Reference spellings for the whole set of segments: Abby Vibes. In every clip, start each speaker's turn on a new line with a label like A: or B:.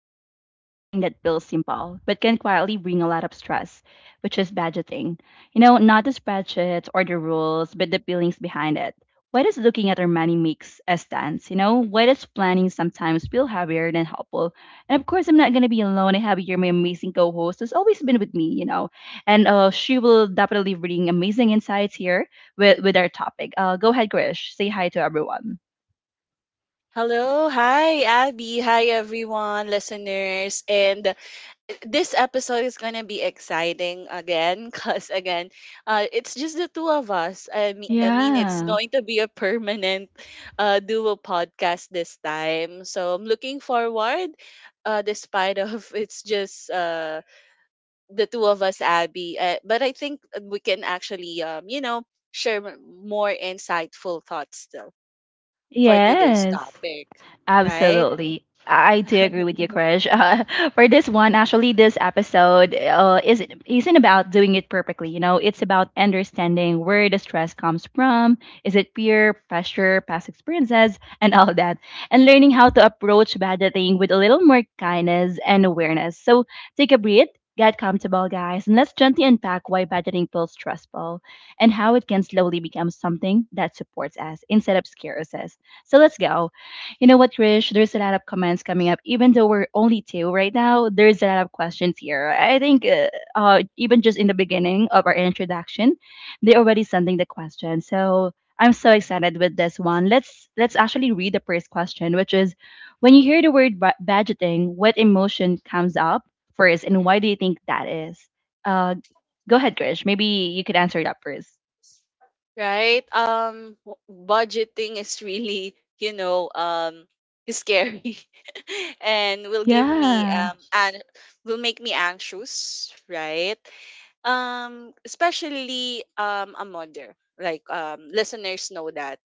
A: talking about something that feels simple, but can quietly bring a lot of stress, which is budgeting. You know, not the spreadsheets or the rules, but the feelings behind it. Why does looking at our money makes us dance? You know, why does planning sometimes feel heavier than helpful? And of course, I'm not going to be alone. I have here my amazing co host who's always been with me, you know, and she will definitely bring amazing insights here with our topic. Go ahead, Krish. Say hi to everyone.
B: Hello, hi Abby, hi everyone, listeners, and this episode is gonna be exciting again, cause again, it's just the two of us. I mean, it's
A: Yeah.
B: going to be a permanent duo podcast this time, so I'm looking forward. Despite of it's just the two of us, Abby, but I think we can actually share more insightful thoughts still for today's
A: Yes.
B: topic, right?
A: Absolutely. I do agree with you, Krish. For this one, actually, this episode isn't about doing it perfectly. You know, it's about understanding where the stress comes from. Is it peer pressure, past experiences, and all that, and learning how to approach budgeting with a little more kindness and awareness. So take a breath, get comfortable, guys, and let's gently unpack why budgeting feels stressful and how it can slowly become something that supports us instead of scares us. So let's go. You know what, Krish? There's a lot of comments coming up. Even though we're only two right now, there's a lot of questions here. I think even just in the beginning of our introduction, they already sending the question. So I'm so excited with this one. Let's actually read the first question, which is, when you hear the word budgeting, what emotion comes up first, and why do you think that is? Uh, Go ahead, Krish. Maybe you could answer it up first.
B: Right? Budgeting is really, you know, scary, and will give me
A: Yeah.
B: and will make me anxious, right? Especially a mother, like listeners know that,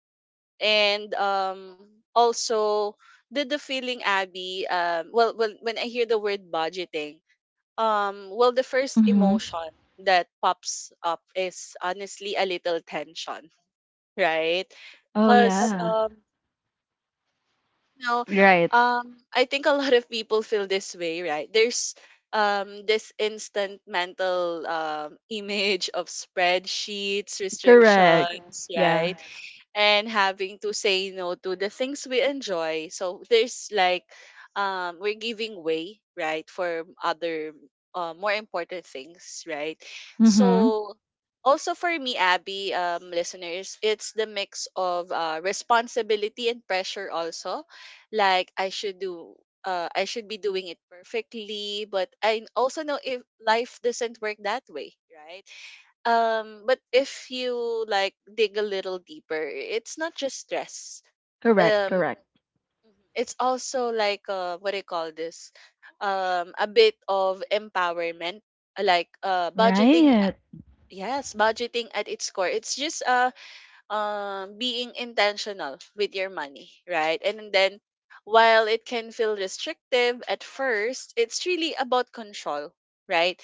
B: and also the feeling, Abby. Well, when I hear the word budgeting, well, the first
A: Mm-hmm.
B: emotion that pops up is honestly a little tension, right?
A: Oh
B: Because
A: yeah.
B: you know,
A: Right.
B: I think a lot of people feel this way, right? There's this instant mental image of spreadsheets,
A: Correct.
B: restrictions,
A: Yeah.
B: right? And having to say no to the things we enjoy. So there's like we're giving way, right, for other more important things, right?
A: Mm-hmm.
B: So also for me, Abby, listeners, it's the mix of responsibility and pressure also. Like I should do I should be doing it perfectly, but I also know if life doesn't work that way, right? But if you like dig a little deeper, it's not just stress.
A: Correct.
B: Um,
A: Correct.
B: Mhm. It's also like what do you call this? A bit of empowerment, budgeting.
A: Right.
B: Yes, budgeting at its core. It's just being intentional with your money, right? And then while it can feel restrictive at first, it's really about control, right?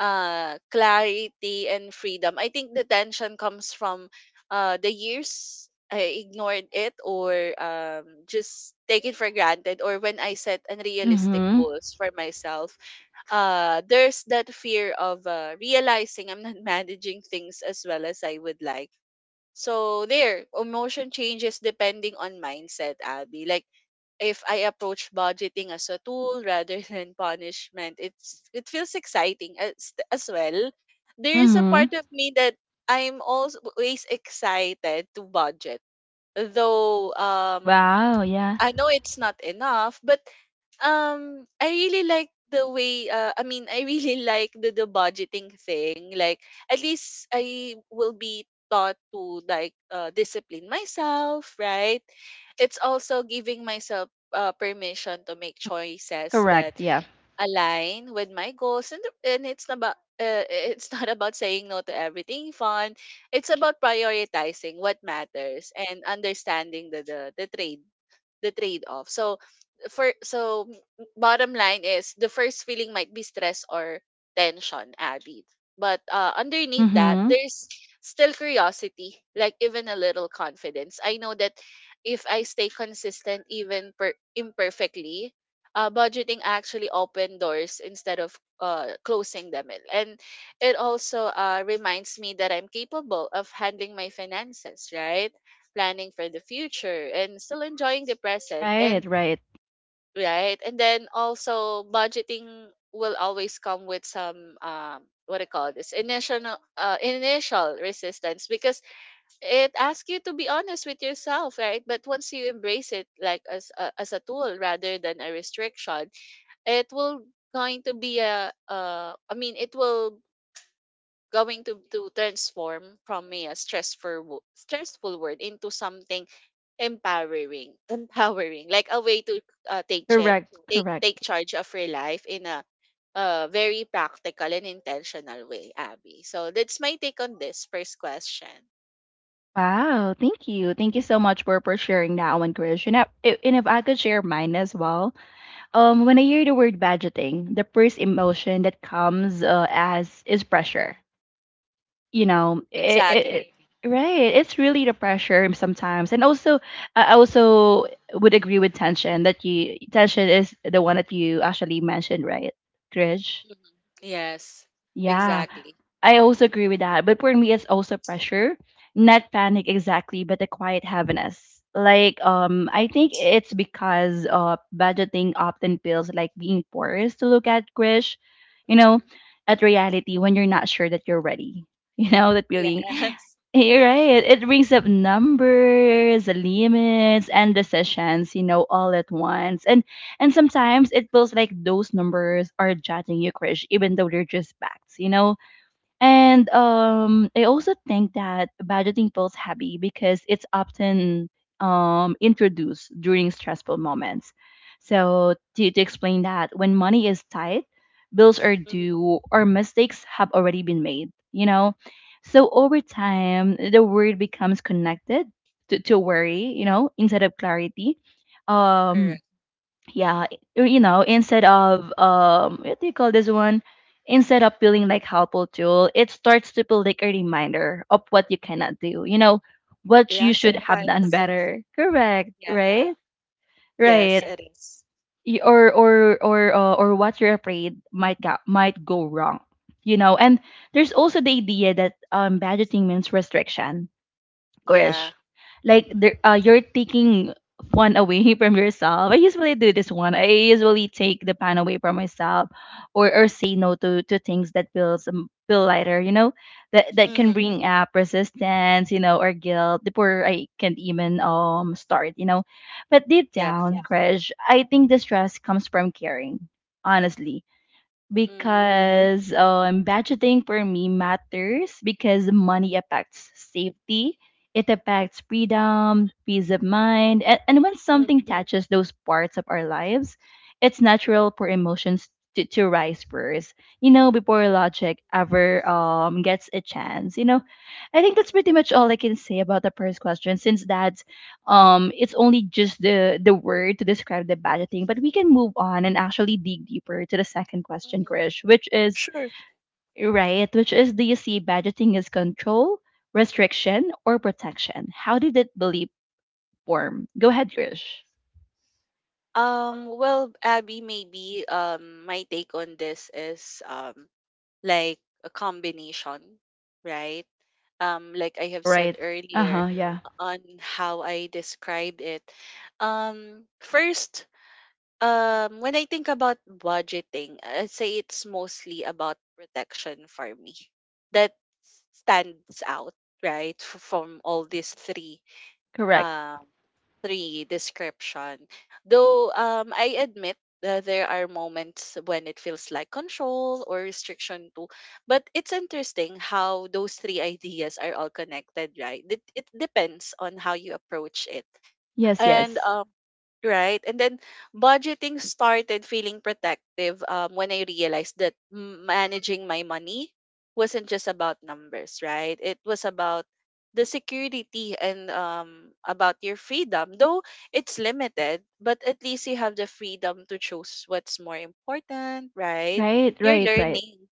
B: Clarity and freedom. I think the tension comes from the years I ignored it or just take it for granted or when I set unrealistic
A: Mm-hmm.
B: goals for myself. There's that fear of realizing I'm not managing things as well as I would like, so there, emotion changes depending on mindset, Abby. Like if I approach budgeting as a tool rather than punishment, it feels exciting as well. There is a
A: Mm-hmm.
B: part of me that I'm always excited to budget, though
A: Wow. Yeah.
B: I know it's not enough, but I really like the way I really like the budgeting thing. Like at least I will be taught to like discipline myself, right? It's also giving myself permission to make choices
A: Correct.
B: that
A: Yeah.
B: align with my goals, and it's about it's not about saying no to everything fun. It's about prioritizing what matters and understanding the trade off. So bottom line is the first feeling might be stress or tension, Abby, but underneath that
A: Mm-hmm.
B: there's still curiosity, like even a little confidence. I know that if I stay consistent, even imperfectly, budgeting actually open doors instead of closing them in. And it also reminds me that I'm capable of handling my finances, right, planning for the future and still enjoying the present.
A: Right.
B: And
A: Right.
B: right? And then also budgeting will always come with some what do you call this initial initial resistance because it asks you to be honest with yourself, right? But once you embrace it like as a tool rather than a restriction, it will going to be a I mean it will going to transform from a stressful word into something empowering, like a way to uh, take cha-
A: Correct. Correct.
B: take charge of your life in a very practical and intentional way, Abby. So that's my take on this first question.
A: Wow. Thank you. Thank you so much for sharing that one, Krish. And if I could share mine as well. When I hear the word budgeting, the first emotion that comes as is pressure, you know it, it,
B: Exactly.
A: it- right, it's really the pressure sometimes, and also I also would agree with tension that you, tension is the one that you actually mentioned, right, Krish?
B: Mhm. Yes.
A: Yeah,
B: Exactly.
A: I also agree with that. But for me, it's also pressure, not panic exactly, but a quiet heaviness. Like, I think it's because budgeting often feels like being forced to look at Krish, you know,
B: Mhm.
A: at reality when you're not sure that you're ready. You know, that feeling.
B: Yes.
A: You're right. It brings up numbers, the limits, and
B: Mhm.
A: decisions, you know, all at once. And sometimes it feels like those numbers are judging you, Krish, even though they're just facts, you know? And
B: Mhm.
A: I also think that budgeting feels heavy because it's often introduced during stressful moments. So, to explain that, when money is tight, bills are
B: Mhm.
A: due or mistakes have already been made, you know? So, over time, the word becomes connected to
B: Mhm.
A: worry, you know, instead of clarity. Um,
B: Correct.
A: yeah, you know, instead of what do you call this one, instead of feeling like helpful tool, it starts to feel like a reminder of what you cannot do, you know, what you
B: Yeah,
A: should have done
B: sometimes.
A: better, correct,
B: Yeah.
A: right,
B: Yes,
A: right.
B: it is.
A: Or what you're afraid might go wrong, you know. And there's also the idea that budgeting means restriction,
B: Yeah.
A: Krish, like there,
B: Mhm.
A: you're taking fun away from yourself. I usually do this one. I usually take the fun away from myself, or say no to to things that feels feel lighter. You know, that that
B: Mhm.
A: can bring up resistance. You know, or guilt before I can even start. You know, but deep
B: Yeah.
A: down, yeah, Krish, I think the stress comes from caring. Honestly,
B: Mhm.
A: because budgeting for me matters because money affects safety, it affects freedom, peace of mind, and when
B: Mhm.
A: something touches those parts of our lives, it's natural for emotions to rise first, you know, before logic ever gets a chance. You know, I think that's
B: Mhm.
A: pretty much all I can say about the first question since that it's only just the word to describe the budgeting, but we can move on and actually dig deeper to the second question,
B: Mhm.
A: Krish, which is,
B: Sure.
A: right, which is, do you see budgeting as control, restriction or protection? How did that belief form? Go ahead, Krish.
B: Well, Abby, maybe my take on this is like a combination, right? Like I have said
A: Right.
B: earlier
A: Uh-huh. Yeah.
B: on how I described it. First, when I think about budgeting, I'd say it's mostly about protection for me. That stands out, right, from all these three,
A: Correct.
B: um, three description. Though, I admit that there are moments when it feels like control or restriction too. But it's interesting how those three ideas are all connected, right? It depends on how you approach it,
A: Yes,
B: and
A: yes.
B: right, and then budgeting started feeling protective when I realized that managing my money wasn't just about numbers, right? It was about the security and about your freedom. Though it's limited, but at least you have the freedom to choose what's more important, right?
A: Right,
B: You're
A: right, right.
B: learning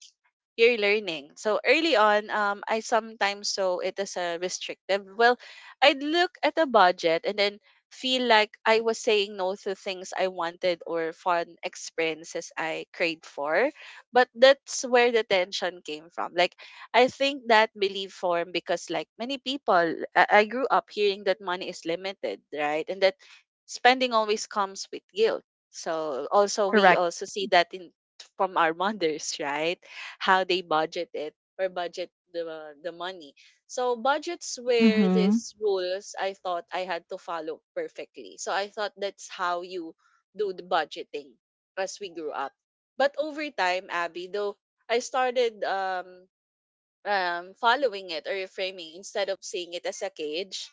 B: you're learning. So early on, I sometimes saw it as a restrictive. Well, I'd look at the budget and then feel like I was saying no to things I wanted or fun experiences I craved for. But that's where the tension came from. Like, I think that belief formed because, like many people, I grew up hearing that money is limited, right? And that spending always comes with guilt. So also we
A: Correct.
B: also see that in from our mothers, right? How they budget it or budget the money. So budgets were
A: Mm-hmm.
B: these rules I thought I had to follow perfectly. So I thought that's how you do the budgeting as we grew up. But over time, Abby, though I started following it or reframing. Instead of seeing it as a cage,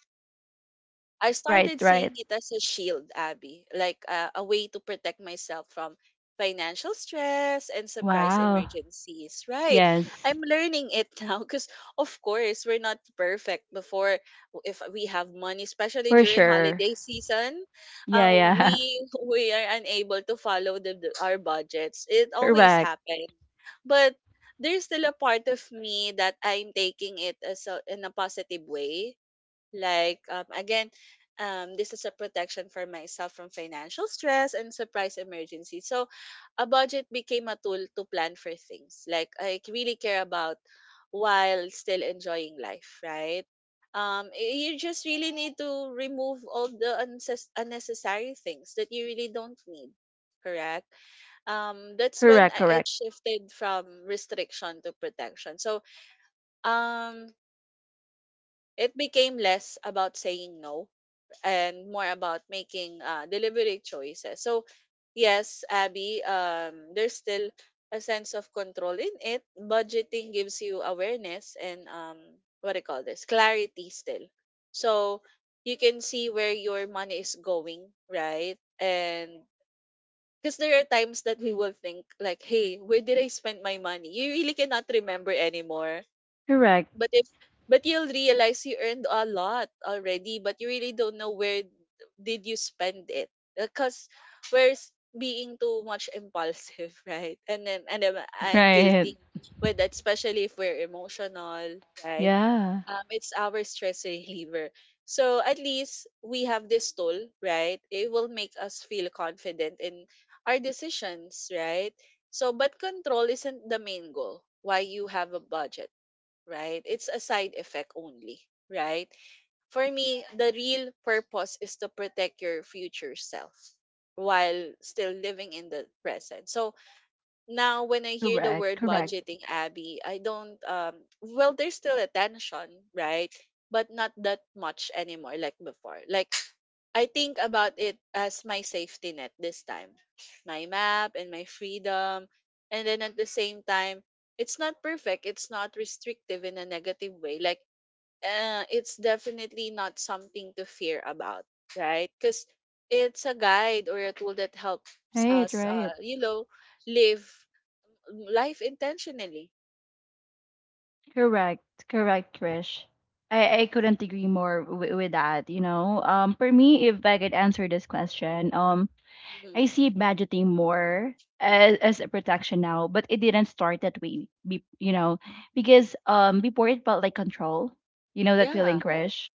B: I
A: Right,
B: started seeing
A: right.
B: it as a shield, Abby, like a way to protect myself from financial stress and surprise
A: Wow.
B: emergencies, right?
A: Yes.
B: I'm learning it now because, of course, we're not perfect before, if we have money, especially
A: For
B: during
A: sure.
B: holiday season.
A: Yeah, yeah.
B: We we are unable to follow our budgets. It always
A: Correct.
B: happens, but there's still a part of me that I'm taking it as a, in a positive way. Like, again, this is a protection for myself from financial stress and surprise emergencies. So, a budget became a tool to plan for things. Like, I really care about while still enjoying life, right? You just really need to remove all the unnecessary things that you really don't need, correct? That's when
A: Correct.
B: it
A: Correct.
B: shifted from restriction to protection. So, um, it became less about saying no and more about making deliberate choices. So, yes, Abby, there's still a sense of control in it. Budgeting gives you awareness and what do you call this? Clarity still. So, you can see where your money is going, right? And because there are times that we will think like, hey, where did I spend my money? You really cannot remember anymore,
A: Correct.
B: but if but you'll realize you earned a lot already but you really don't know where did you spend it because we're s- being too much impulsive right, and then I'm guilty
A: Right.
B: with that, especially if we're emotional, right?
A: Yeah.
B: It's our stress reliever, so at least we have this tool, right? It will make us feel confident in our decisions, right? So but control isn't the main goal why you have a budget, right? It's a side effect only, right? For me, the real purpose is to protect your future self while still living in the present. So now when I hear the
A: Correct,
B: word
A: correct.
B: budgeting, Abby, I don't well there's still a tension, right? But not that much anymore like before. Like, I think about it as my safety net this time, my map and my freedom. And then at the same time, it's not perfect, it's not restrictive in a negative way. Like, it's definitely not something to fear about, right? Because it's a guide or a tool that helps
A: Right,
B: us,
A: right.
B: you know, live life intentionally.
A: Correct, correct, Trish. I couldn't agree more with that, you know. For me, if I could answer this question, I
B: Mhm.
A: see budgeting more as a protection now, but it didn't start that way, be, you know, because before it felt like control, you know that feeling,
B: Yeah,
A: Krish?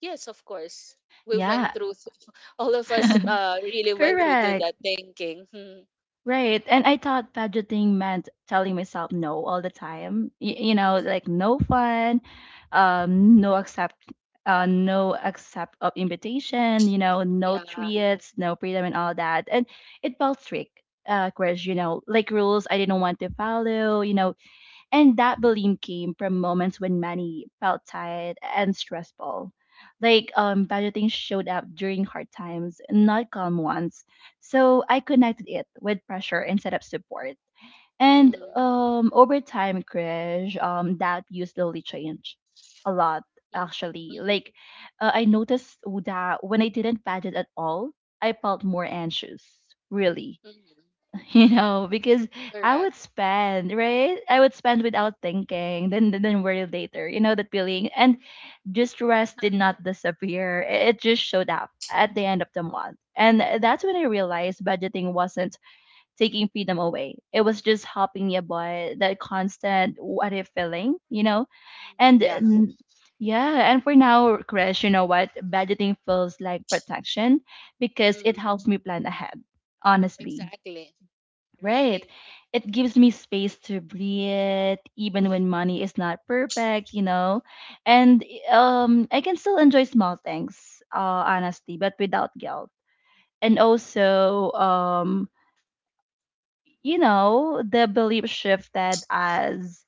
B: yes, of course. We
A: Yeah,
B: went through, all of us really went through to
A: correct.
B: that thinking.
A: Right. And I thought budgeting meant telling myself no all the time. You know, like no fun, um, no accept no accept of invitation, you know, no
B: Yeah.
A: treats, no freedom and all that. And it felt strict, Chris, you know, like rules I didn't want to follow, you know, and that belief came from moments when money felt tight and stressful. Like budgeting showed up during hard times, not calm ones. So I connected it with pressure instead of support. And
B: Mm,
A: over time, Krish, that view slowly changed a lot,
B: mm,
A: actually.
B: mm,
A: Like, I noticed that when I didn't budget at all, I felt more anxious, really.
B: mm,
A: You know, because I
B: correct.
A: would spend, right, I would spend without thinking, then worry later, you know, that feeling. And distress did not disappear, it just showed up at the end of the month. And that's when I realized budgeting wasn't taking freedom away, it was just helping me avoid that constant what if feeling, you know.
B: Mhm,
A: and
B: yeah.
A: n- yeah, and for now, crash, you know what, budgeting feels like protection because it
B: Mm,
A: helps me plan ahead, honestly.
B: exactly.
A: Right.
B: Right.
A: It gives me space to breathe even when money is not perfect, you know. And I can still enjoy small things, honestly, but without guilt. And also you know, the belief shifted as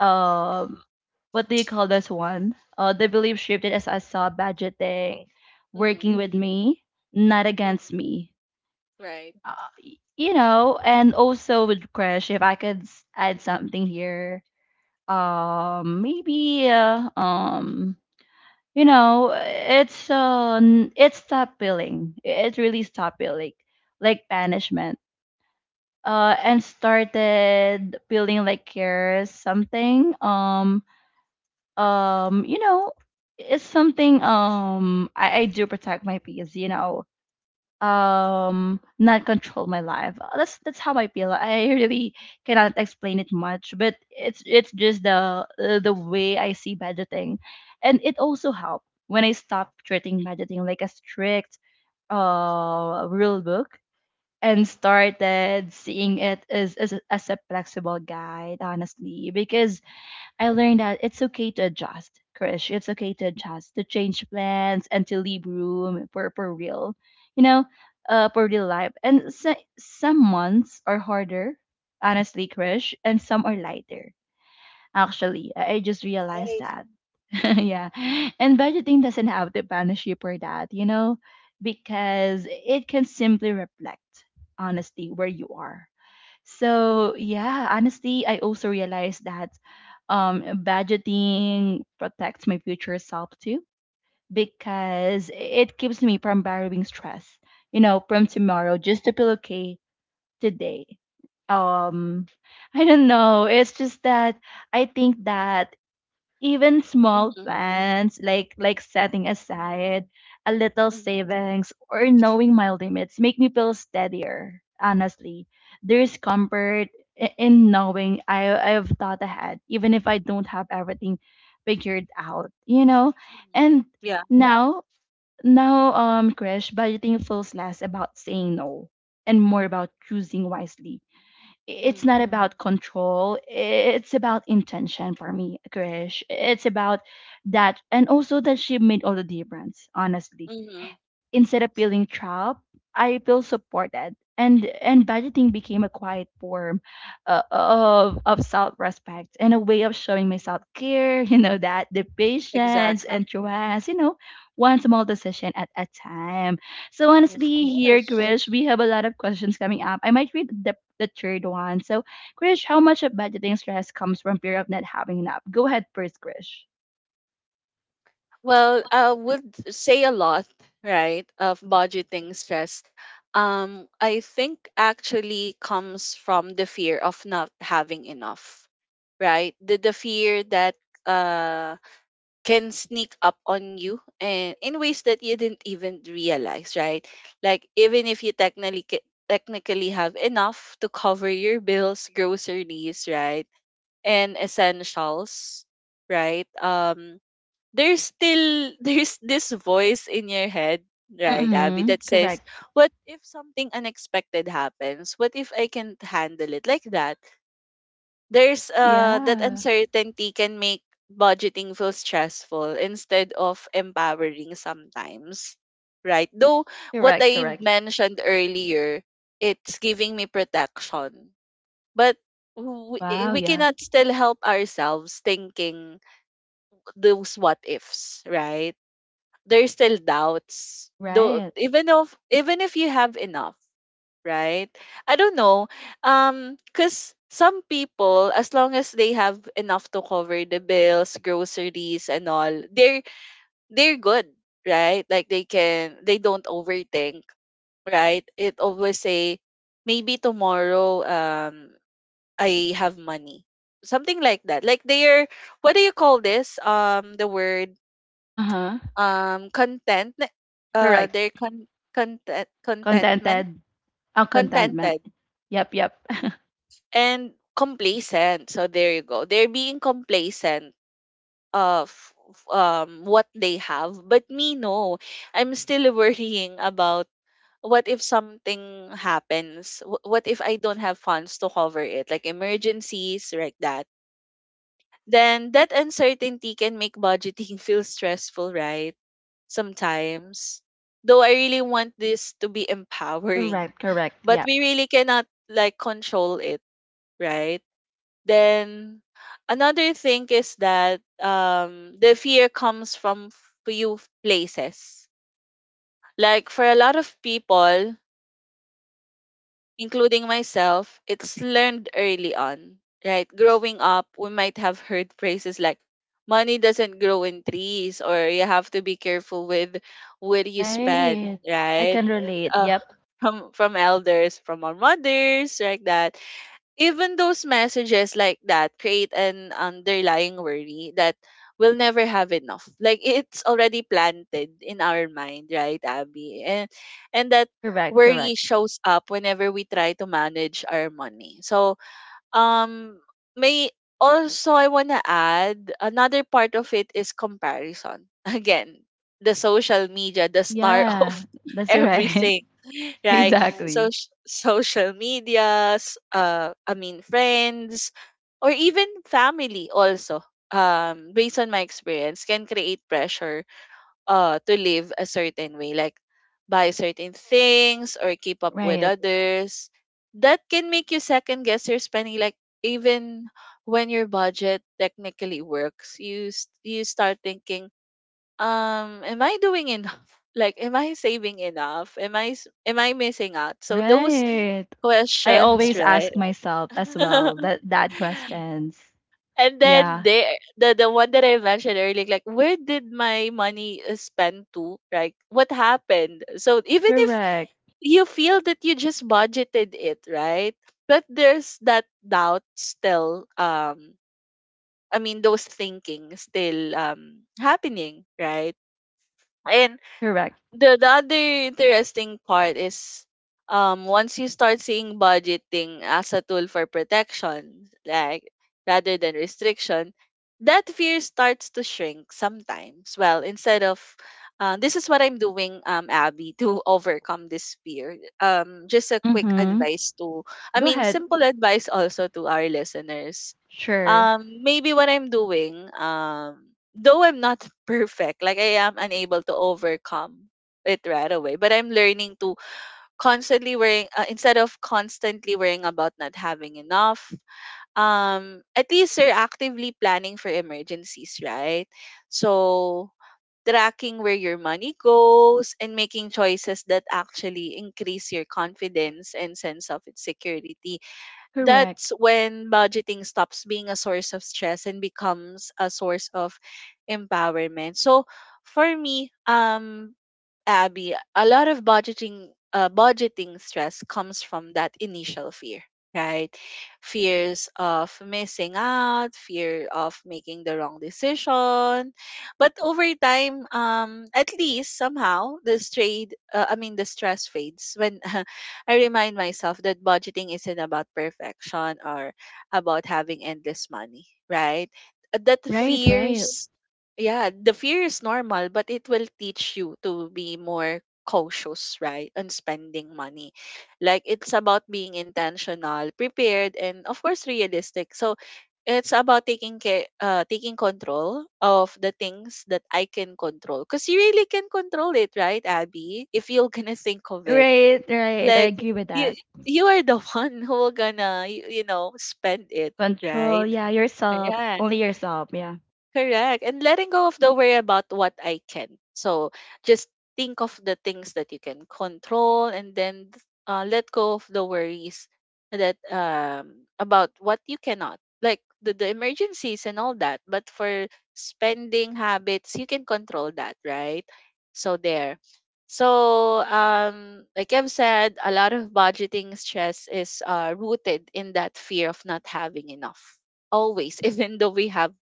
A: um what do you call this one? The belief shifted as I saw budgeting working
B: Mm,
A: with me, not against
B: mm,
A: me.
B: right.
A: You know, and also with Crash, if I could add something here, um, maybe, uh, um, you know, it's it's stop billing. It really stopped billing, like banishment, and started feeling like cares something. You know, it's something. I do protect my peace. You know, not control my life. That's how I feel. I really cannot explain it much, but it's just the way I see budgeting. And it also helped when I stopped treating budgeting like a strict rule book and started seeing it as as a flexible guide, honestly, because I learned that it's okay to adjust, Krish. It's okay to adjust, to change plans, and to leave room for real, you know, for real life. And so, some months are harder, honestly, Krish, and some are lighter. Actually, I just realized
B: Right.
A: that. Yeah, and budgeting doesn't have to punish you for that, you know, because it can simply reflect honestly where you are. So yeah, honestly, I also realized that budgeting protects my future self too, because it keeps me from borrowing stress, you know, from tomorrow just to feel okay today. Um, I don't know. It's just that I think that even small
B: Mm,
A: plans like setting aside a little
B: mm, mm.
A: savings or knowing my limits make me feel steadier, honestly. There's comfort, in knowing I, I've thought ahead, even if I don't have everything figured out, you know. And
B: Yeah.
A: yeah, now, now, crash, budgeting feels less about saying no and more about choosing wisely. It's not
B: Mm,
A: about control, it's about intention for me, Krish. It's about that, and also that she made all the difference, honestly.
B: mm,
A: Instead of feeling trapped, I feel supported. And budgeting became a quiet form of self respect and a way of showing my self
B: mm.
A: care. You know, that the patience and
B: Exactly.
A: trust. You know, one small decision at a time. So
B: Of
A: honestly, here,
B: course.
A: Krish, we have a lot of questions coming up. I might read the third one. So, Krish, how much of budgeting stress comes from fear of not having enough? Go ahead first, Krish.
B: Well, I would say a lot, right, of budgeting stress. I think actually comes from the fear of not having enough, right? The fear that uh can sneak up on you and in ways that you didn't even realize, right? Like even if you technically have enough to cover your bills, groceries, right, and essentials, right? There's still there's this voice in your head, right, Abby, that
A: Mm-hmm.
B: says,
A: Correct.
B: what if something unexpected happens? What if I can't handle it? Like that, there's that
A: Yeah.
B: uncertainty can make budgeting feel stressful instead of empowering sometimes, right? Though what
A: Correct.
B: I
A: Correct.
B: mentioned earlier, it's giving me protection, but we,
A: Wow,
B: we
A: yeah.
B: cannot still help ourselves thinking those what ifs, right? There's still doubts though,
A: Right.
B: even if you have enough, right? I don't know. Because some people, as long as they have enough to cover the bills, groceries, and all, they're good, right? Like they can, they don't overthink, right? It always say, maybe tomorrow, I have money, something like that. Like they're, what do you call this, the word,
A: Uh-huh.
B: content, uh
A: Correct.
B: they're con- content, contentment,
A: Contented. Oh, contentment.
B: contented,
A: Yep, yep.
B: and complacent. So there you go, they're being complacent of what they have. But me, no, I'm still worrying about, what if something happens? What if I don't have funds to cover it, like emergencies like that? Then that uncertainty can make budgeting feel stressful, right? Sometimes. Though I really want this to be empowering,
A: Correct, correct.
B: but
A: Yep.
B: we really cannot like control it, right? Then another thing is that the fear comes from few places. Like for a lot of people, including myself, it's learned early on, right? Growing up, we might have heard phrases like, money doesn't grow in trees, or you have to be careful with where you spend,
A: Right. I
B: right?
A: can relate. Yep.
B: From elders, from our mothers, like that. Even those messages like that create an underlying worry that we'll never have enough. Like it's already planted in our mind, right, Abby? And that
A: Correct,
B: worry
A: correct.
B: shows up whenever we try to manage our money. So um, may also, I want to add another part of it is comparison. Again, the social media, the star of
A: Yeah, that's right.
B: everything, right? So
A: Exactly.
B: social medias, I mean friends, or even family also. Based on my experience, can create pressure to live a certain way, like buy certain things or keep up with
A: Right.
B: others, that can make you second guess your spending. Like even when your budget technically works, you start thinking, am I doing enough, like am I saving enough, am I missing out? So those
A: Right. I
B: questions,
A: always ask
B: right?
A: myself as well that questions.
B: And then
A: Yeah.
B: the one that I mentioned earlier, like where did my money is spent to? Like what happened? So even if
A: Correct.
B: you feel that you just budgeted it, right? But there's that doubt still. I mean, those thinking still happening, right? And
A: Correct.
B: the other interesting part is, once you start seeing budgeting as a tool for protection, like rather than restriction, that fear starts to shrink sometimes. Well, instead of this is what I'm doing, Abby, to overcome this fear. Um, just a quick
A: Mm-hmm.
B: advice to, I
A: Go
B: mean
A: ahead.
B: simple advice also to our listeners.
A: Sure.
B: Um, maybe what I'm doing, though I'm not perfect, like I am unable to overcome it right away. But I'm learning to constantly worrying, instead of constantly worrying about not having enough. At least you're actively planning for emergencies, right? So tracking where your money goes and making choices that actually increase your confidence and sense of security.
A: Correct.
B: That's when budgeting stops being a source of stress and becomes a source of empowerment. So for me, Abby, a lot of budgeting budgeting stress comes from that initial fear, right? Fears of missing out, fear of making the wrong decision. But over time, at least somehow the strayed, I mean the stress fades when I remind myself that budgeting isn't about perfection or about having endless money, right? That
A: Right, right.
B: fears, yeah, the fear is normal, but it will teach you to be more cautious, right, on spending money. Like it's about being intentional, prepared, and of course realistic. So it's about taking care, taking control of the things that I can control, because you really can control it, right, Abby? If you're gonna think of it,
A: Right, right. I
B: like
A: agree with
B: you,
A: that.
B: you are the one who will gonna, you know, spend it,
A: Control,
B: right?
A: yeah, yourself,
B: Yeah.
A: only yourself, yeah.
B: Correct. And letting go of the worry about what I can. So just think of the things that you can control, and then let go of the worries that about what you cannot. Like the emergencies and all that. But for spending habits, you can control that, right? So there. So like I've said, a lot of budgeting stress is rooted in that fear of not having enough always, even though we have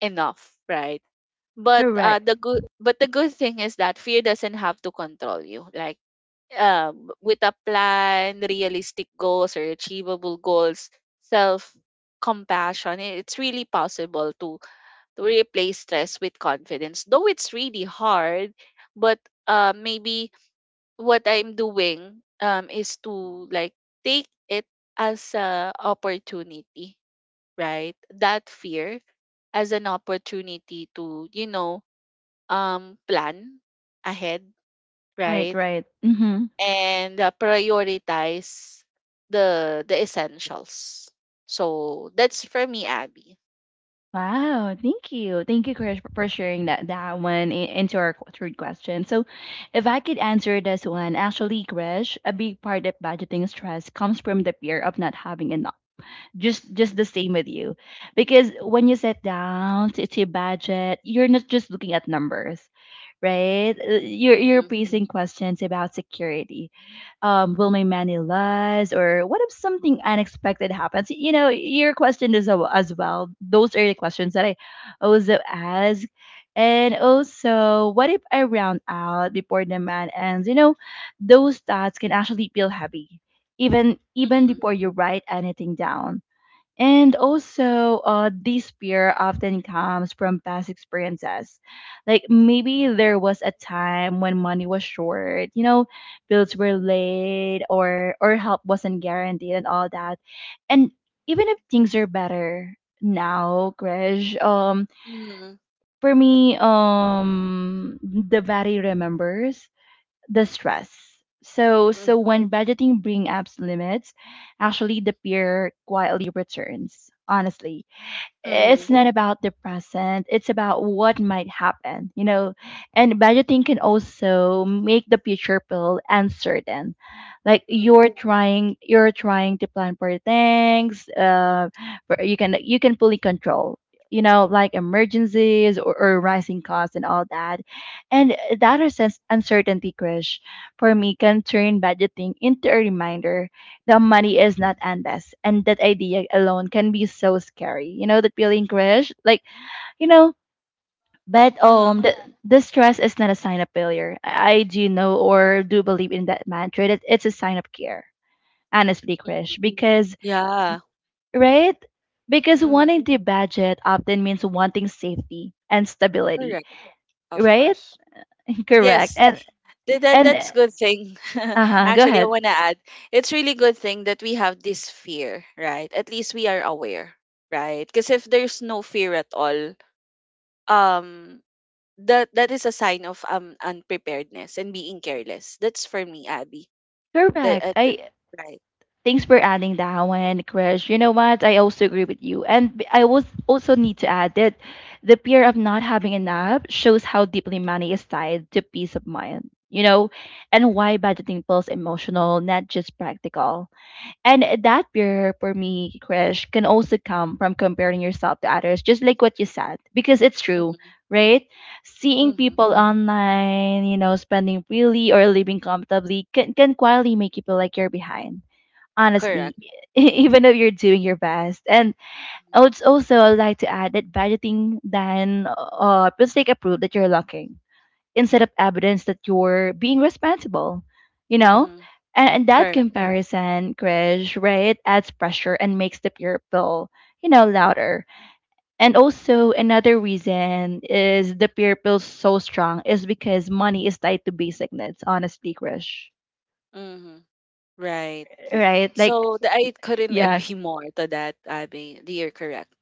B: enough, right? But
A: Correct.
B: the good thing is that fear doesn't have to control you. Like with a plan, realistic goals or achievable goals, self compassion, it's really possible to replace stress with confidence. Though it's really hard, but maybe what I'm doing is to like take it as a opportunity, right? That fear as an opportunity to, you know, plan ahead,
A: Right,
B: right?
A: right. Mm-hmm.
B: And prioritize the essentials. So that's for me, Abby.
A: Wow, thank you. Thank you, Krish, for sharing into our third question. So, if I could answer this one, actually, Krish, a big part of budgeting stress comes from the fear of not having enough. Just the same with you. Because when you sit down to budget, you're not just looking at numbers, right? You're
B: Mm-hmm.
A: facing questions about security, will my man lies, or what if something unexpected happens? You know, your question is as well. Those are the questions that I also ask. And also, what if I round out before the man ends? You know, those thoughts can actually feel heavy, even
B: Mm-hmm.
A: before you write anything down. And also, this fear often comes from past experiences. Like maybe there was a time when money was short, you know, bills were late, or help wasn't guaranteed, and all that. And even if things are better now, Krish,
B: Mm-hmm.
A: for me, the body remembers the stress. So when budgeting brings up limits, actually the fear quietly returns. Honestly,
B: Mm-hmm.
A: it's not about the present, it's about what might happen, you know, and budgeting can also make the future feel uncertain, like
B: Mm-hmm.
A: you're trying to plan for things for you can, you can fully control, you know, like emergencies, or rising costs and all that, and that sense uncertainty crush for me can turn budgeting into a reminder the money is not endless. And that idea alone can be so scary. You know that feeling, Krish? Like, you know, but
B: Mm-hmm.
A: the stress is not a sign of failure. I do know or do believe in that mantra. That it's a sign of care. Honestly,
B: Mm-hmm.
A: Krish. Because
B: Yeah.
A: right? Because
B: Mm-hmm.
A: wanting the budget often means wanting safety and stability,
B: Correct. Of
A: right?
B: course.
A: Correct.
B: Yes. Then
A: And
B: that's good thing.
A: uh huh. Go
B: Actually, I
A: ahead.
B: want to add, it's really good thing that we have this fear, right? At least we are aware, right? Because if there's no fear at all, um, that is a sign of unpreparedness and being careless. That's for me, Abby.
A: Correct.
B: The
A: I
B: right.
A: thanks for adding that one, Krish. You know what? I also agree with you. And I was also need to add that the fear of not having enough shows how deeply money is tied to peace of mind, you know, and why budgeting feels emotional, not just practical. And that fear for me, Krish, can also come from comparing yourself to others, just like what you said, because it's true,
B: Mm-hmm.
A: right? Seeing
B: Mm-hmm.
A: people online, you know, spending freely or living comfortably can quietly make you feel like you're behind, honestly,
B: Correct.
A: even if you're doing your best. And I'd also like to add that budgeting then will take a proof that you're looking instead of evidence that you're being responsible, you know?
B: Mm-hmm.
A: And that
B: Correct.
A: comparison, Krish, right, adds pressure and makes the peer pill, you know, louder. And also, another reason is the peer pill so strong is because money is tied to basic needs, honestly, Krish,
B: Mm-hmm. Right.
A: right? Like,
B: So the, I couldn't
A: yeah,
B: agree more to that, Abby. You're correct.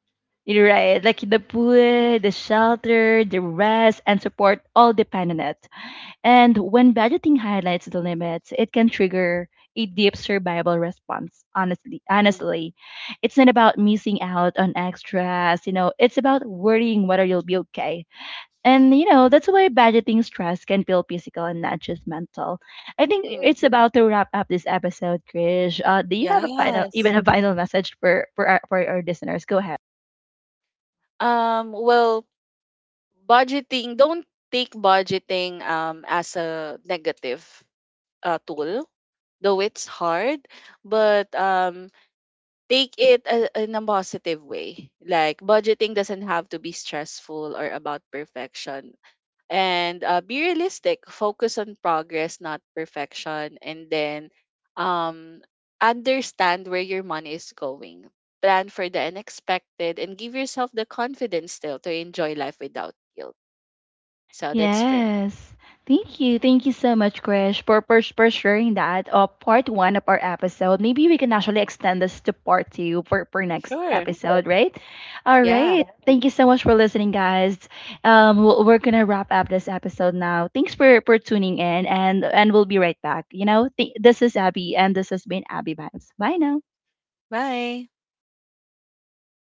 A: you're right, like the food, the shelter, the rest, and support all depend on it. And when budgeting highlights the limits, it can trigger a deep survival response. Honestly,
B: Mm-hmm. Mm-hmm.
A: honestly, it's not about missing out on extras. You know, it's about worrying whether you'll be okay. And you know, that's why budgeting stress can feel physical and not just mental. I think it's
B: Mm-hmm.
A: about to wrap up this episode, Krish. Do you have a final,
B: Yes.
A: even a final message for our, for our listeners? Go ahead.
B: Well, budgeting, don't take budgeting as a negative tool, though it's hard, but take it a, in a positive way. Like budgeting doesn't have to be stressful or about perfection, and be realistic, focus on progress not perfection, and then um understand where your money is going, plan for the unexpected, and give yourself the confidence still to enjoy life without guilt. So that's for me.
A: Yes. Thank you. Thank you so much, Krish, for sharing that. Part one of our episode. Maybe we can actually extend this to part two for next
B: Sure.
A: episode, right? All
B: Yeah,
A: right. Thank you so much for listening, guys. We're gonna wrap up this episode now. Thanks for tuning in, and we'll be right back. You know, this is Abby, and this has been Abby Vibes. Bye now.
B: bye.